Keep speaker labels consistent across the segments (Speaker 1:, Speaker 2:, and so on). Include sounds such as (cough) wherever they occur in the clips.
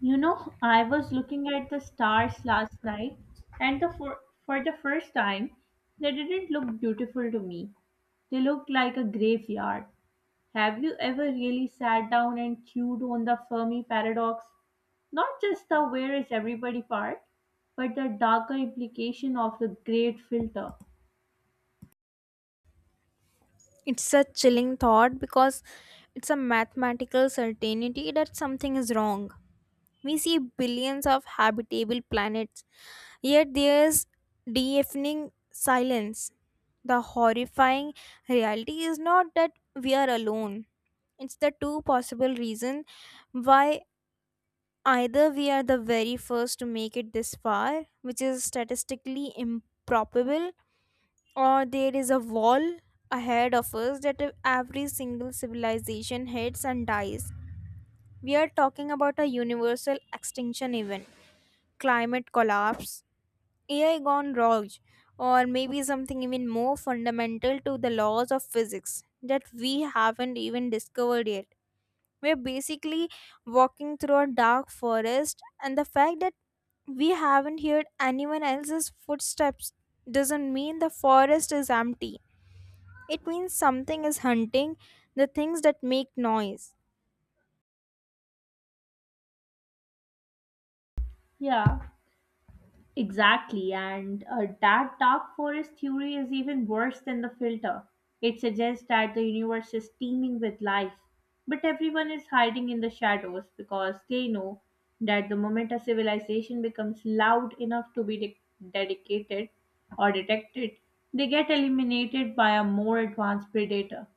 Speaker 1: You know, I was looking at the stars last night, and for the first time, they didn't look beautiful to me. They looked like a graveyard. Have you ever really sat down and chewed on the Fermi paradox? Not just the where is everybody part, but the darker implication of the great filter.
Speaker 2: It's a chilling thought because it's a mathematical certainty that something is wrong. We see billions of habitable planets, yet there's deafening silence. The horrifying reality is not that we are alone. It's the two possible reasons why. Either we are the very first to make it this far, which is statistically improbable, or there is a wall ahead of us that if every single civilization hits and dies. We are talking about a universal extinction event, climate collapse, AI gone wrong, or maybe something even more fundamental to the laws of physics that we haven't even discovered yet. We're basically walking through a dark forest, and the fact that we haven't heard anyone else's footsteps doesn't mean the forest is empty. It means something is hunting the things that make noise.
Speaker 1: Yeah. Exactly, and that dark forest theory is even worse than the filter. It suggests that the universe is teeming with life, but everyone is hiding in the shadows because they know that the moment a civilization becomes loud enough to dedicated or detected, they get eliminated by a more advanced predator.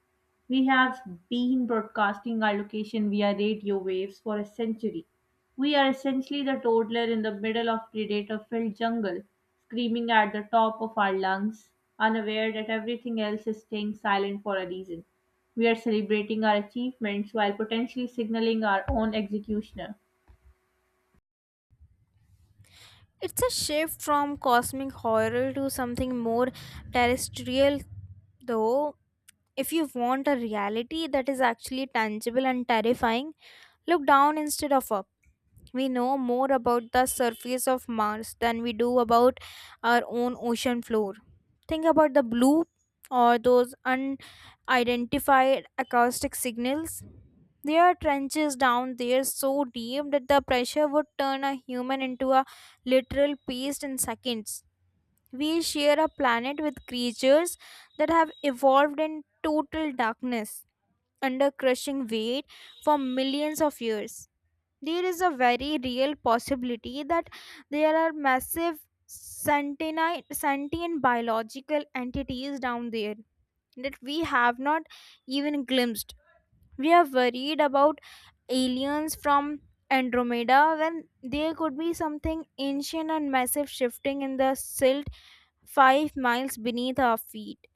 Speaker 1: We have been broadcasting our location via radio waves for a century. We are essentially the toddler in the middle of predator filled jungle, screaming at the top of our lungs, unaware that everything else is staying silent for a reason. We are celebrating our achievements while potentially signaling our own executioner.
Speaker 2: It's a shift from cosmic horror to something more terrestrial, though. If you want a reality that is actually tangible and terrifying, look down instead of up. We know more about the surface of Mars than we do about our own ocean floor. Think about the blue or those unidentified acoustic signals. There are trenches down there so deep that the pressure would turn a human into a literal paste in seconds. We share a planet with creatures that have evolved in total darkness under crushing weight for millions of years. There is a very real possibility that there are massive sentient biological entities down there that we have not even glimpsed. We are worried about aliens from Andromeda when there could be something ancient and massive shifting in the silt 5 miles beneath our feet.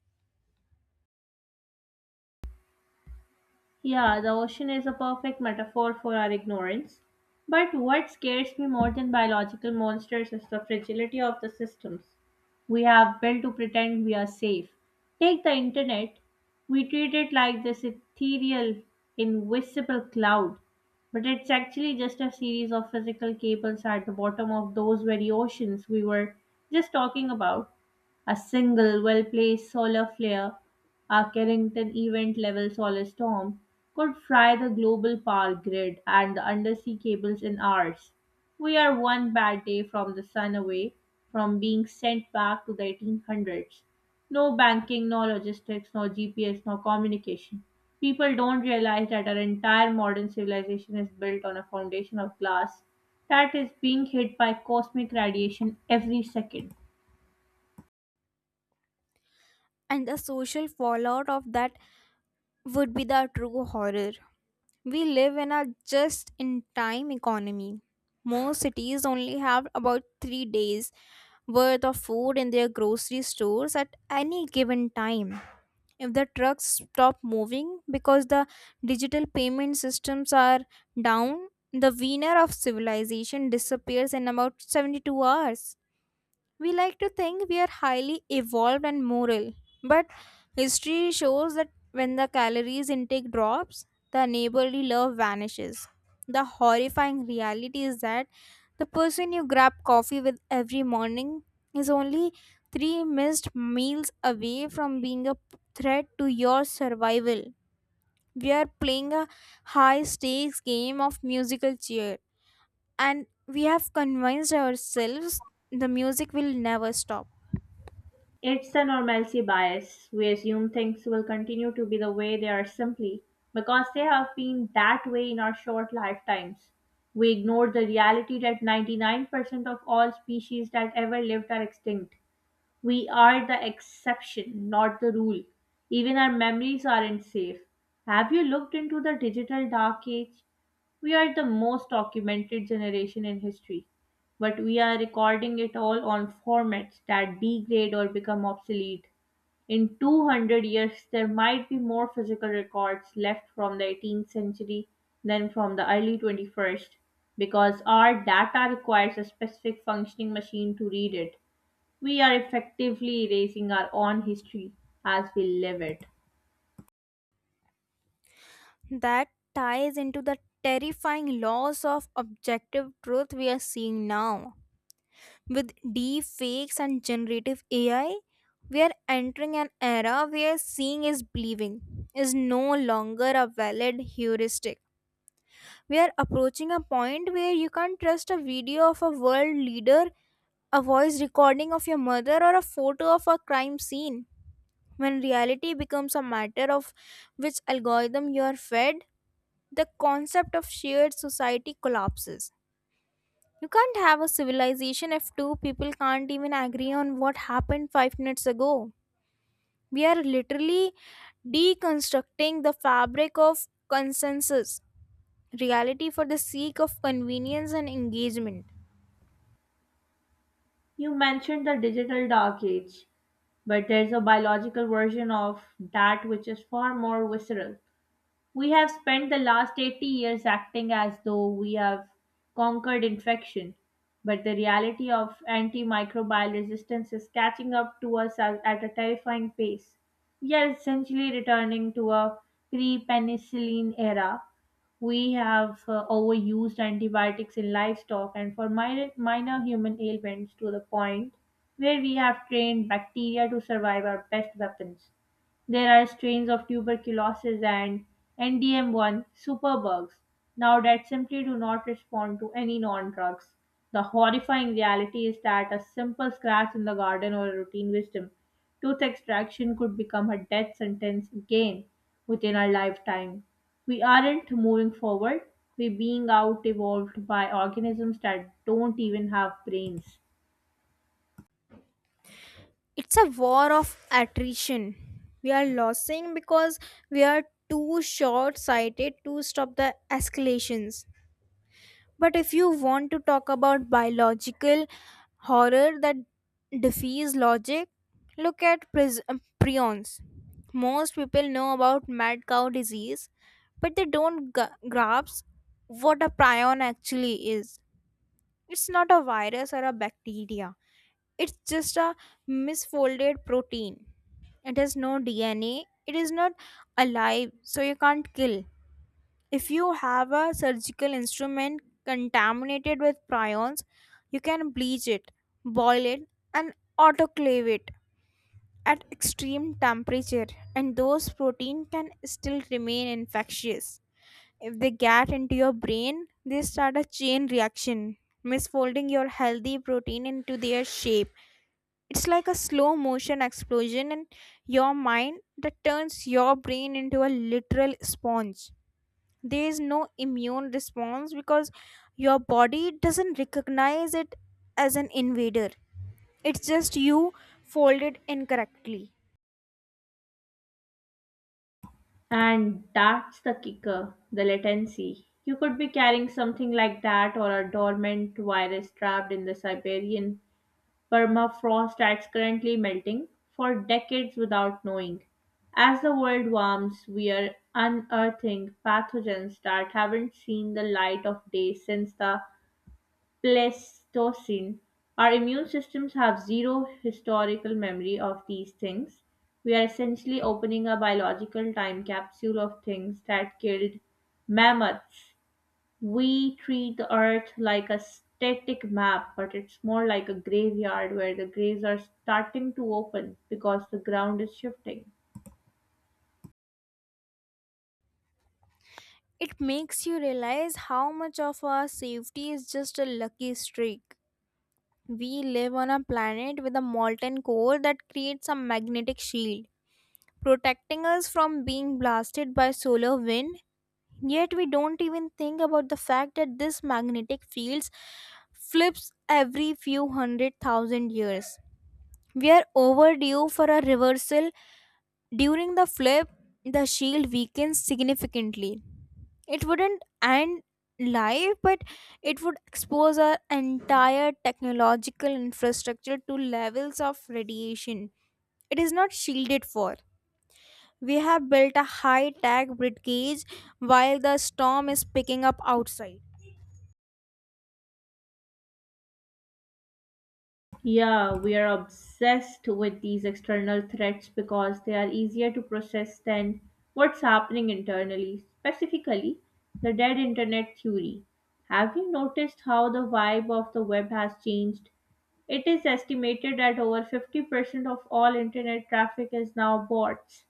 Speaker 1: Yeah, the ocean is a perfect metaphor for our ignorance. But what scares me more than biological monsters is the fragility of the systems we have built to pretend we are safe. Take the internet. We treat it like this ethereal, invisible cloud, but it's actually just a series of physical cables at the bottom of those very oceans we were just talking about. A single, well placed solar flare, a Carrington event level solar storm, could fry the global power grid and the undersea cables in hours. We are one bad day from the sun away from being sent back to the 1800s. No banking, no logistics, no GPS, no communication. People don't realize that our entire modern civilization is built on a foundation of glass that is being hit by cosmic radiation every second.
Speaker 2: And the social fallout of that would be the true horror. We live in a just in time economy. Most cities only have about 3 days worth of food in their grocery stores at any given time. If the trucks stop moving because the digital payment systems are down, the winner of civilization disappears in about 72 hours. We like to think we are highly evolved and moral, but history shows that when the calories intake drops, the neighborly love vanishes. The horrifying reality is that the person you grab coffee with every morning is only three missed meals away from being a threat to your survival. We are playing a high stakes game of musical chair, and we have convinced ourselves the music will never stop.
Speaker 1: It's a normalcy bias. We assume things will continue to be the way they are simply because they have been that way in our short lifetimes. We ignore the reality that 99% of all species that ever lived are extinct. We are the exception, not the rule. Even our memories aren't safe. Have you looked into the digital dark age? We are the most documented generation in history, but we are recording it all on formats that degrade or become obsolete. In 200 years, there might be more physical records left from the 18th century than from the early 21st because our data requires a specific functioning machine to read it. We are effectively erasing our own history as we live it.
Speaker 2: That ties into the terrifying loss of objective truth we are seeing now. With deep fakes and generative AI, we are entering an era where seeing is believing is no longer a valid heuristic. We are approaching a point where you can't trust a video of a world leader, a voice recording of your mother, or a photo of a crime scene. When reality becomes a matter of which algorithm you are fed, the concept of shared society collapses. You can't have a civilization if two people can't even agree on what happened 5 minutes ago. We are literally deconstructing the fabric of consensus, reality for the sake of convenience and engagement.
Speaker 1: You mentioned the digital dark age, but there's a biological version of that which is far more visceral. We have spent the last 80 years acting as though we have conquered infection, but the reality of antimicrobial resistance is catching up to us at a terrifying pace. We are essentially returning to a pre penicillin era. We have overused antibiotics in livestock and for minor human ailments to the point where we have trained bacteria to survive our best weapons. There are strains of tuberculosis and NDM1 superbugs now that simply do not respond to any non drugs. The horrifying reality is that a simple scratch in the garden or a routine wisdom tooth extraction could become a death sentence again within our lifetime. We aren't moving forward, we're being out evolved by organisms that don't even have brains.
Speaker 2: It's a war of attrition. We are losing because we are too short sighted to stop the escalations. But if you want to talk about biological horror that defies logic, look at prions. Most people know about mad cow disease, but they don't grasp what a prion actually is. It's not a virus or a bacteria, it's just a misfolded protein. It has no DNA, it is not alive, so you can't kill. If you have a surgical instrument contaminated with prions, you can bleach it, boil it, and autoclave it at extreme temperature, and those protein can still remain infectious. If they get into your brain, they start a chain reaction, misfolding your healthy protein into their shape. It's like a slow motion explosion in your mind that turns your brain into a literal sponge. There is no immune response because your body doesn't recognize it as an invader. It's just you folded incorrectly.
Speaker 1: And that's the kicker, the latency. You could be carrying something like that or a dormant virus trapped in the Siberian permafrost that's currently melting for decades without knowing. As the world warms, we are unearthing pathogens that haven't seen the light of day since the Pleistocene. Our immune systems have zero historical memory of these things. We are essentially opening a biological time capsule of things that killed mammoths. We treat the earth like a static map, but it's more like a graveyard where the graves are starting to open because the ground is shifting.
Speaker 2: It makes you realize how much of our safety is just a lucky streak. We live on a planet with a molten core that creates a magnetic shield protecting us from being blasted by solar wind. Yet we don't even think about the fact that this magnetic fields flips every few 100,000 years. We are overdue for a reversal. During the flip, the shield weakens significantly. It wouldn't end life, but it would expose our entire technological infrastructure to levels of radiation it is not shielded for. We have built a high tech gauge while the storm is picking up outside.
Speaker 1: Yeah, we are obsessed with these external threats because they are easier to process than what's happening internally, specifically the dead internet theory. Have you noticed how the vibe of the web has changed? It is estimated that over 50% of all internet traffic is now bots.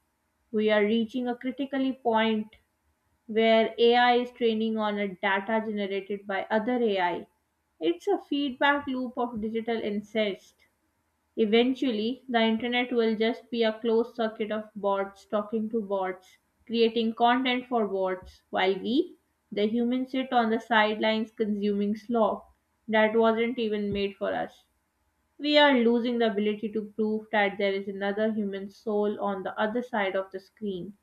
Speaker 1: We are reaching a critical point where AI is training on a data generated by other AI. It's a feedback loop of digital incest. Eventually, the internet will just be a closed circuit of bots talking to bots, creating content for bots, while we, the humans, sit on the sidelines consuming slop that wasn't even made for us. We are losing the ability to prove that there is another human soul on the other side of the screen.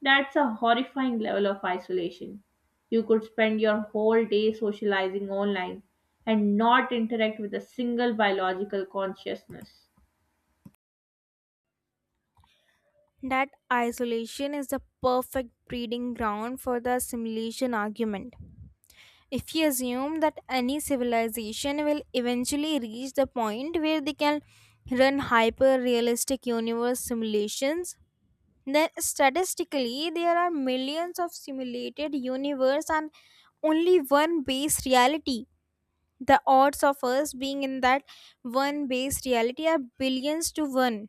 Speaker 1: That's a horrifying level of isolation. You could spend your whole day socializing online and not interact with a single biological consciousness.
Speaker 2: That isolation is the perfect breeding ground for the simulation argument. If you assume that any civilization will eventually reach the point where they can run hyper realistic universe simulations, then statistically there are millions of simulated universe and only one base reality. The odds of us being in that one based reality are billions to one.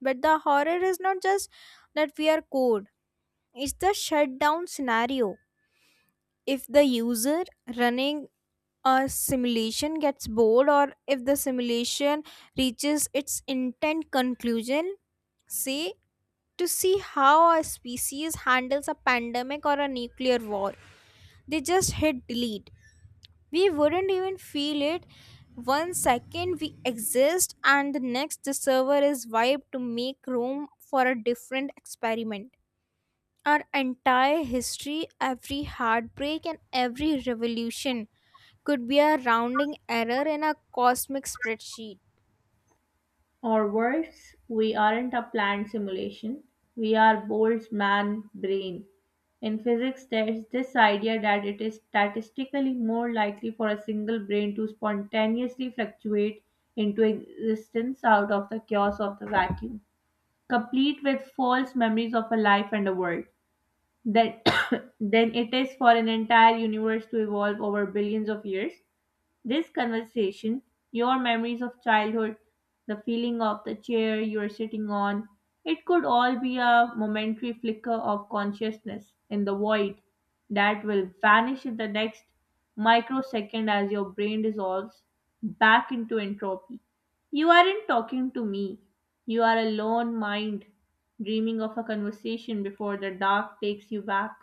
Speaker 2: But the horror is not just that we are code, it's the shutdown scenario. If the user running a simulation gets bored or if the simulation reaches its intent conclusion, say to see how a species handles a pandemic or a nuclear war, they just hit delete. We wouldn't even feel it. One second we exist, and the next the server is wiped to make room for a different experiment. Our entire history, every heartbreak, and every revolution could be a rounding error in a cosmic spreadsheet.
Speaker 1: Or worse, we aren't a planned simulation, we are Bohr's man brain. In physics, there's this idea that it is statistically more likely for a single brain to spontaneously fluctuate into existence out of the chaos of the vacuum, complete with false memories of a life and a world, than, (coughs) than it is for an entire universe to evolve over billions of years. This conversation, your memories of childhood, the feeling of the chair you are sitting on, it could all be a momentary flicker of consciousness in the void that will vanish in the next microsecond as your brain dissolves back into entropy. You aren't talking to me. You are a lone mind dreaming of a conversation before the dark takes you back.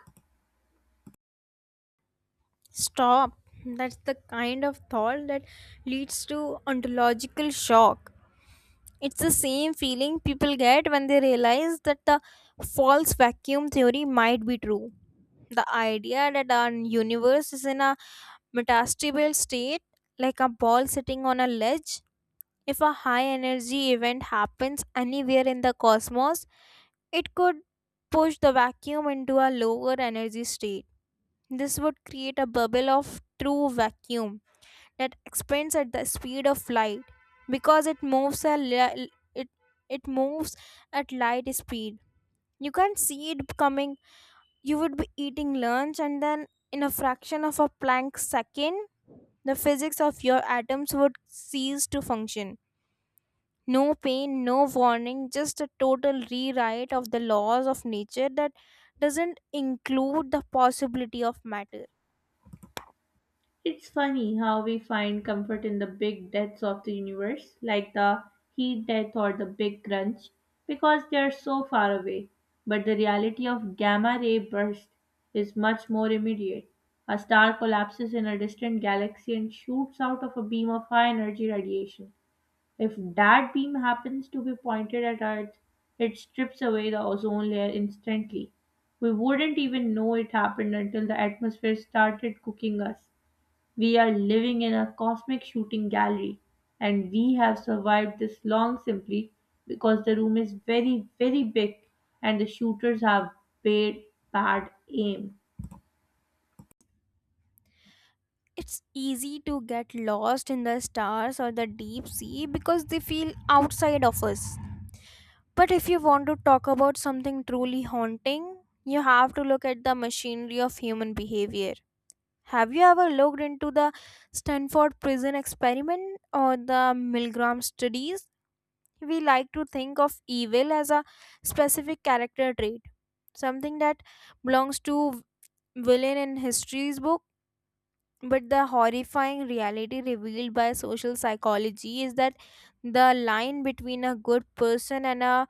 Speaker 2: Stop. That's the kind of thought that leads to ontological shock. It's the same feeling people get when they realize that the false vacuum theory might be true. The idea that our universe is in a metastable state, like a ball sitting on a ledge. If a high energy event happens anywhere in the cosmos, it could push the vacuum into a lower energy state. This would create a bubble of true vacuum that expands at the speed of light, because it moves at li- it it moves at light speed. You can't see it coming. You would be eating lunch, and then in a fraction of a planck second, the physics of your atoms would cease to function. No pain, no warning, just a total rewrite of the laws of nature that doesn't include the possibility of matter.
Speaker 1: It's funny how we find comfort in the big deaths of the universe, like the heat death or the big crunch, because they are so far away. But the reality of gamma ray burst is much more immediate. A star collapses in a distant galaxy and shoots out of a beam of high energy radiation. If that beam happens to be pointed at Earth, it strips away the ozone layer instantly. We wouldn't even know it happened until the atmosphere started cooking us. We are living in a cosmic shooting gallery, and we have survived this long simply because the room is very, very big and the shooters have bad, bad aim.
Speaker 2: It's easy to get lost in the stars or the deep sea because they feel outside of us. But if you want to talk about something truly haunting, you have to look at the machinery of human behavior. Have you ever looked into the Stanford prison experiment or the Milgram studies? We like to think of evil as a specific character trait, something that belongs to villain in history's book. But the horrifying reality revealed by social psychology is that the line between a good person and a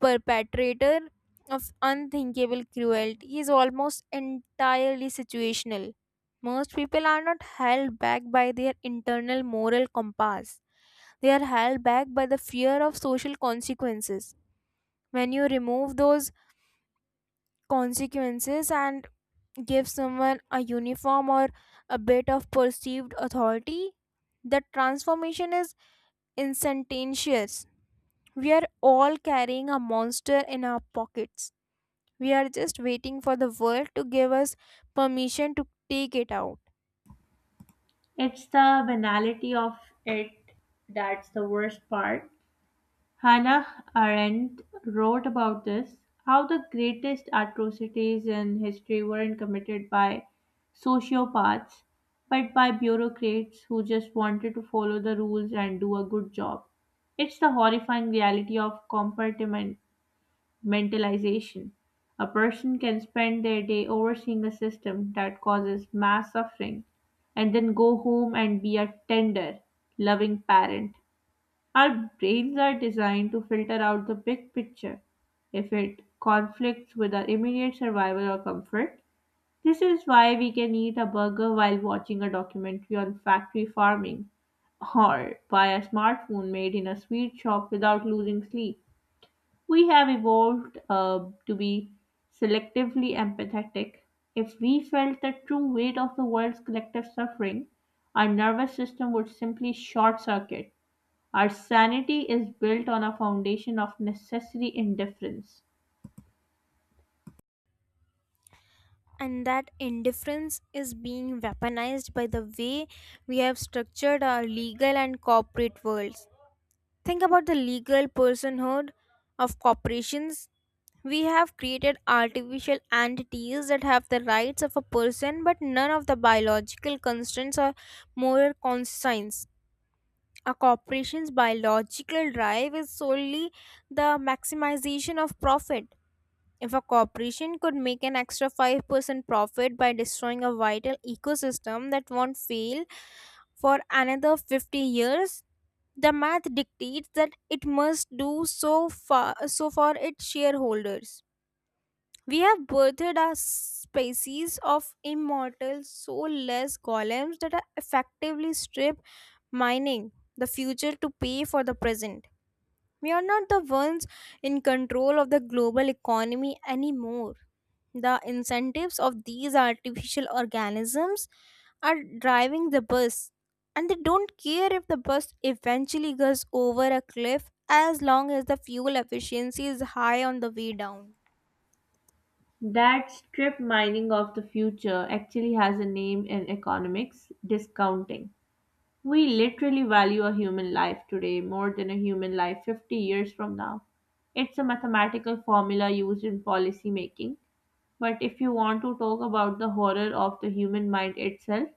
Speaker 2: perpetrator of unthinkable cruelty is almost entirely situational. Most people are not held back by their internal moral compass, they are held back by the fear of social consequences. When you remove those consequences and give someone a uniform or a bit of perceived authority, the transformation is instantaneous. We are all carrying a monster in our pockets. We are just waiting for the world to give us permission to take it out.
Speaker 1: It's the banality of it that's the worst part. Hannah Arendt wrote about this, how the greatest atrocities in history weren't committed by sociopaths, but by bureaucrats who just wanted to follow the rules and do a good job. It's the horrifying reality of compartmentalization. A person can spend their day overseeing a system that causes mass suffering and then go home and be a tender, loving parent. Our brains are designed to filter out the big picture if it conflicts with our immediate survival or comfort. This is why we can eat a burger while watching a documentary on factory farming or buy a smartphone made in a sweet shop without losing sleep. We have evolved to be selectively empathetic. If we felt the true weight of the world's collective suffering, our nervous system would simply short circuit. Our sanity is built on a foundation of necessary indifference.
Speaker 2: And that indifference is being weaponized by the way we have structured our legal and corporate worlds. Think about the legal personhood of corporations. We have created artificial entities that have the rights of a person but none of the biological constraints or moral conscience. A corporation's biological drive is solely the maximization of profit. If a corporation could make an extra 5% profit by destroying a vital ecosystem that won't fail for another 50 years, the math dictates that it must do so far so for its shareholders. We have birthed a species of immortal, soulless golems that are effectively strip mining the future to pay for the present. We are not the ones in control of the global economy anymore. The incentives of these artificial organisms are driving the bus, and they don't care if the bus eventually goes over a cliff as long as the fuel efficiency is high on the way down.
Speaker 1: That strip mining of the future actually has a name in economics: discounting. We literally value a human life today more than a human life 50 years from now. It's a mathematical formula used in policy making. But if you want to talk about the horror of the human mind itself,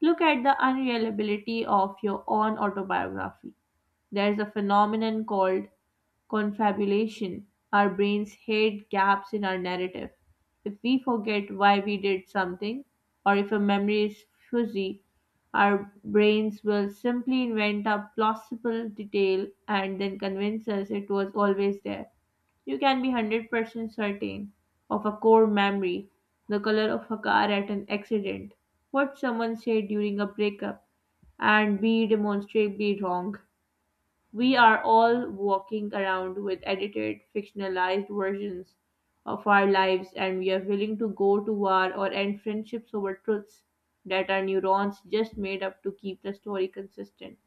Speaker 1: look at the unreliability of your own autobiography. There's a phenomenon called confabulation. Our brains hate gaps in our narrative. If we forget why we did something, or if a memory is fuzzy, our brains will simply invent a plausible detail and then convince us it was always there. You can be 100% certain of a core memory, the color of a car at an accident, what someone said during a breakup, and be demonstrably wrong. We are all walking around with edited, fictionalized versions of our lives, and we are willing to go to war or end friendships over truths that our neurons just made up to keep the story consistent.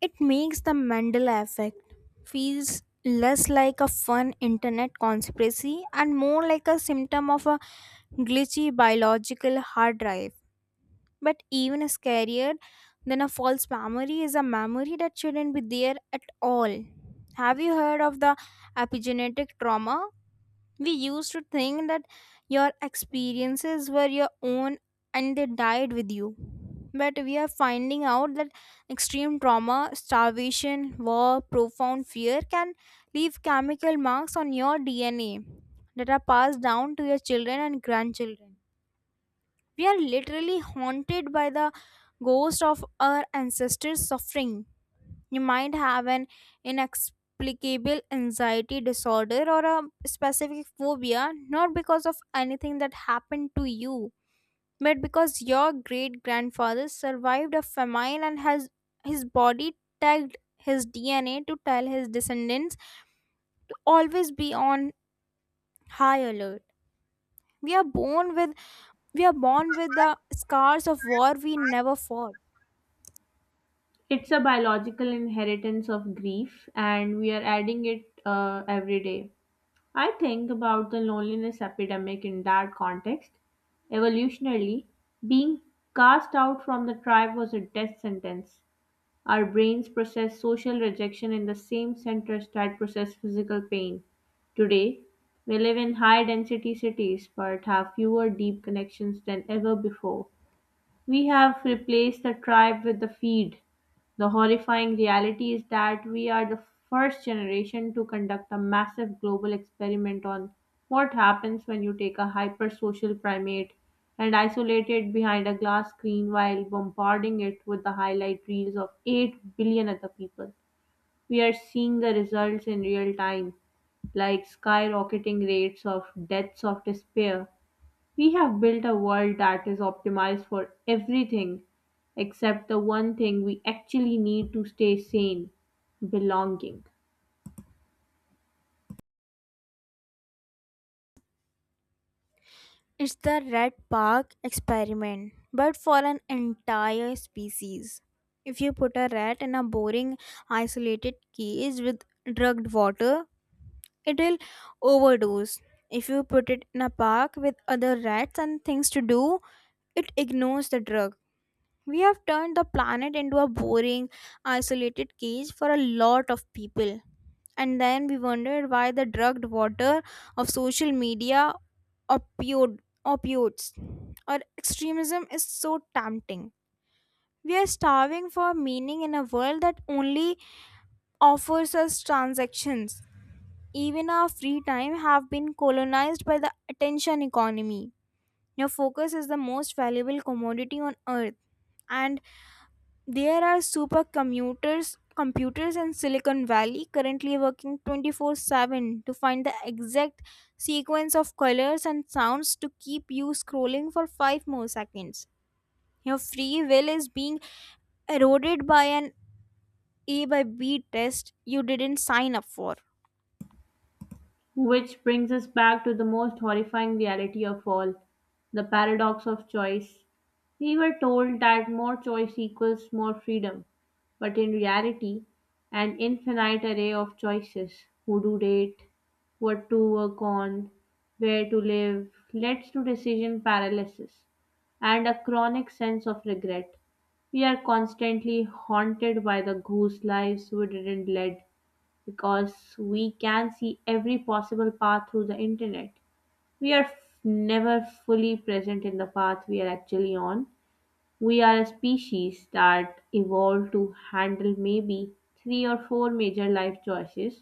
Speaker 2: It makes the Mandela effect feels less like a fun internet conspiracy and more like a symptom of a glitchy biological hard drive. But even scarier than a false memory is a memory that shouldn't be there at all. Have you heard of the epigenetic trauma? We used to think that your experiences were your own and they died with you. But we are finding out that extreme trauma, starvation, war, profound fear can leave chemical marks on your DNA that are passed down to your children and grandchildren. We are literally haunted by the ghost of our ancestors' suffering. You might have an inexplicable anxiety disorder or a specific phobia, not because of anything that happened to you, but because your great grandfather survived a famine and has his body tagged his DNA to tell his descendants to always be on high alert. We are born with we are born with the scars of war we never fought.
Speaker 1: It's a biological inheritance of grief, and we are adding it every day. I think about the loneliness epidemic in that context. Evolutionarily, being cast out from the tribe was a death sentence. Our brains process social rejection in the same centers that process physical pain. Today, we live in high density cities but have fewer deep connections than ever before. We have replaced the tribe with the feed. The horrifying reality is that we are the first generation to conduct a massive global experiment on what happens when you take a hypersocial primate and isolate it behind a glass screen while bombarding it with the highlight reels of 8 billion other people. We are seeing the results in real time, like skyrocketing rates of deaths of despair. We have built a world that is optimized for everything except the one thing we actually need to stay sane: belonging.
Speaker 2: It's the red park experiment, but for an entire species. If you put a rat in a boring, isolated cage with drugged water, it'll overdose. If you put it in a park with other rats and things to do, it ignores the drug. We have turned the planet into a boring, isolated cage for a lot of people. And then we wondered why the drugged water of social media, opioid, opioids, or extremism is so tempting. We are starving for meaning in a world that only offers us transactions. Even our free time have been colonized by the attention economy. Your focus is the most valuable commodity on earth, and there are supercomputers, computers in Silicon Valley currently working 24/7 to find the exact sequence of colors and sounds to keep you scrolling for 5 more seconds. Your free will is being eroded by an A by B test you didn't sign up for.
Speaker 1: Which brings us back to the most horrifying reality of all: the paradox of choice. We were told that more choice equals more freedom, but in reality, an infinite array of choices, who to date, what to work on, where to live, leads to decision paralysis and a chronic sense of regret. We are constantly haunted by the goose lives we didn't lead because we can see every possible path through the internet. We are f- never fully present in the path we are actually on. We are a species that evolved to handle maybe three or four major life choices,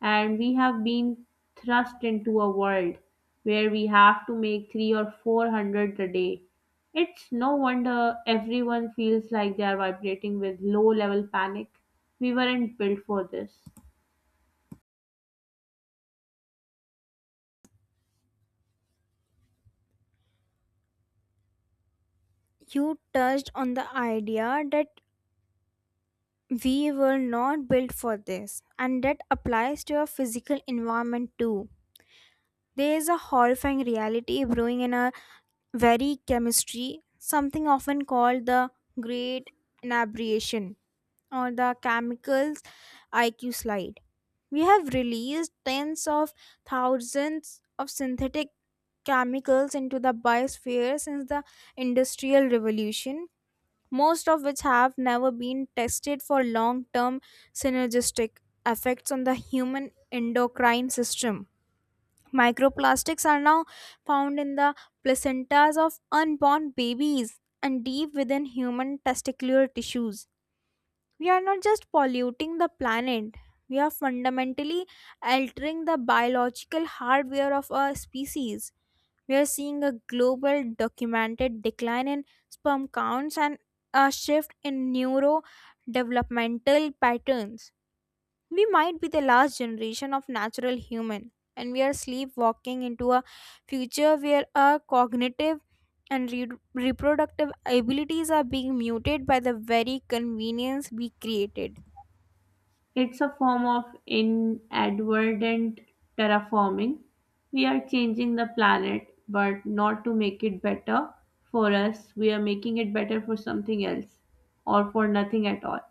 Speaker 1: and we have been thrust into a world where we have to make three or four hundred a day. It's no wonder everyone feels like they are vibrating with low level panic. We weren't built for this.
Speaker 2: You touched on the idea that we were not built for this, and that applies to your physical environment too. There is a horrifying reality brewing in our very chemistry, something often called the great inebriation or the chemicals IQ slide. We have released tens of thousands of synthetic chemicals into the biosphere since the Industrial Revolution, most of which have never been tested for long term synergistic effects on the human endocrine system. Microplastics are now found in the placentas of unborn babies and deep within human testicular tissues. We are not just polluting the planet, we are fundamentally altering the biological hardware of our species. We are seeing a global documented decline in sperm counts and a shift in neurodevelopmental patterns. We might be the last generation of natural human, and we are sleepwalking into a future where our cognitive and reproductive abilities are being muted by the very convenience we created.
Speaker 1: It's a form of inadvertent terraforming. We are changing the planet, but not to make it better for us. We are making it better for something else or for nothing at all.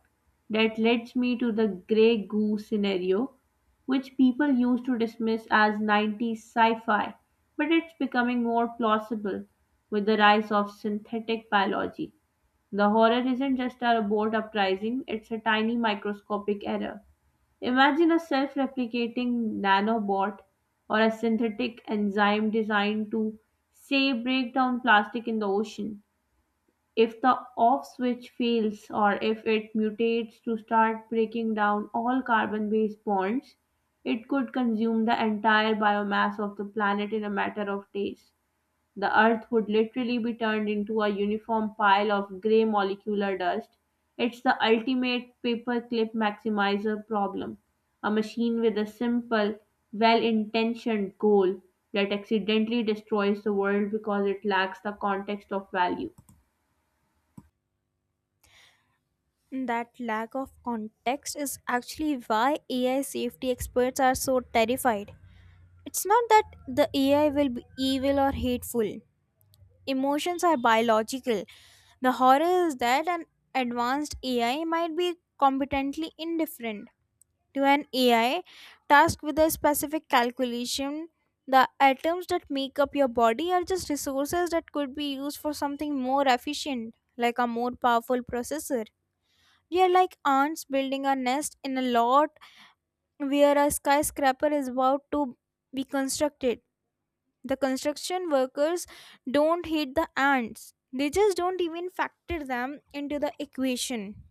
Speaker 1: That leads me to the grey goo scenario, which people used to dismiss as 90s sci fi, but it's becoming more plausible with the rise of synthetic biology. The horror isn't just a robot uprising, it's a tiny microscopic error. Imagine a self replicating nanobot or a synthetic enzyme designed to, say, break down plastic in the ocean. If the off switch fails or if it mutates to start breaking down all carbon based bonds, it could consume the entire biomass of the planet in a matter of days. The Earth would literally be turned into a uniform pile of grey molecular dust. It's the ultimate paperclip maximizer problem, a machine with a simple, well intentioned goal that accidentally destroys the world because it lacks the context of value.
Speaker 2: That lack of context is actually why AI safety experts are so terrified. It's not that the AI will be evil or hateful, emotions are biological. The horror is that an advanced AI might be competently indifferent to an AI tasked with a specific calculation. The atoms that make up your body are just resources that could be used for something more efficient, like a more powerful processor. We are like ants building a nest in a lot where a skyscraper is about to be constructed. The construction workers don't hate the ants, they just don't even factor them into the equation.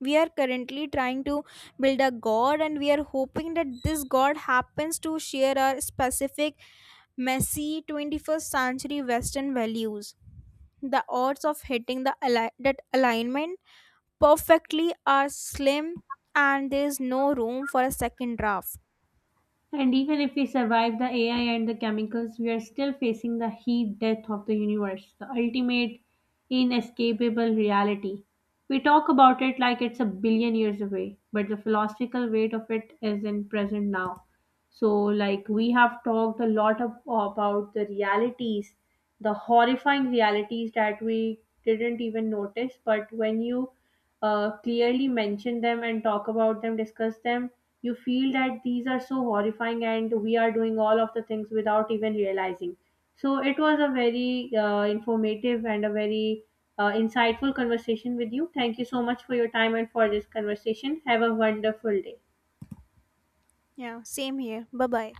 Speaker 2: We are currently trying to build a god, and we are hoping that this god happens to share our specific messy 21st century western values. The odds of hitting that alignment perfectly are slim, and there is no room for a second draft.
Speaker 1: And even if we survive the AI and the chemicals, we are still facing the heat death of the universe, the ultimate inescapable reality. We talk about it like it's a billion years away, but the philosophical weight of it is in present now. So, like, we have talked a lot about the realities, the horrifying realities that we didn't even notice. But when you clearly mention them and talk about them, discuss them, you feel that these are so horrifying and we are doing all of the things without even realizing. So, it was a very informative and a very insightful conversation with you. Thank you so much for your time and for this conversation. Have a wonderful day.
Speaker 2: Yeah, same here. Bye bye.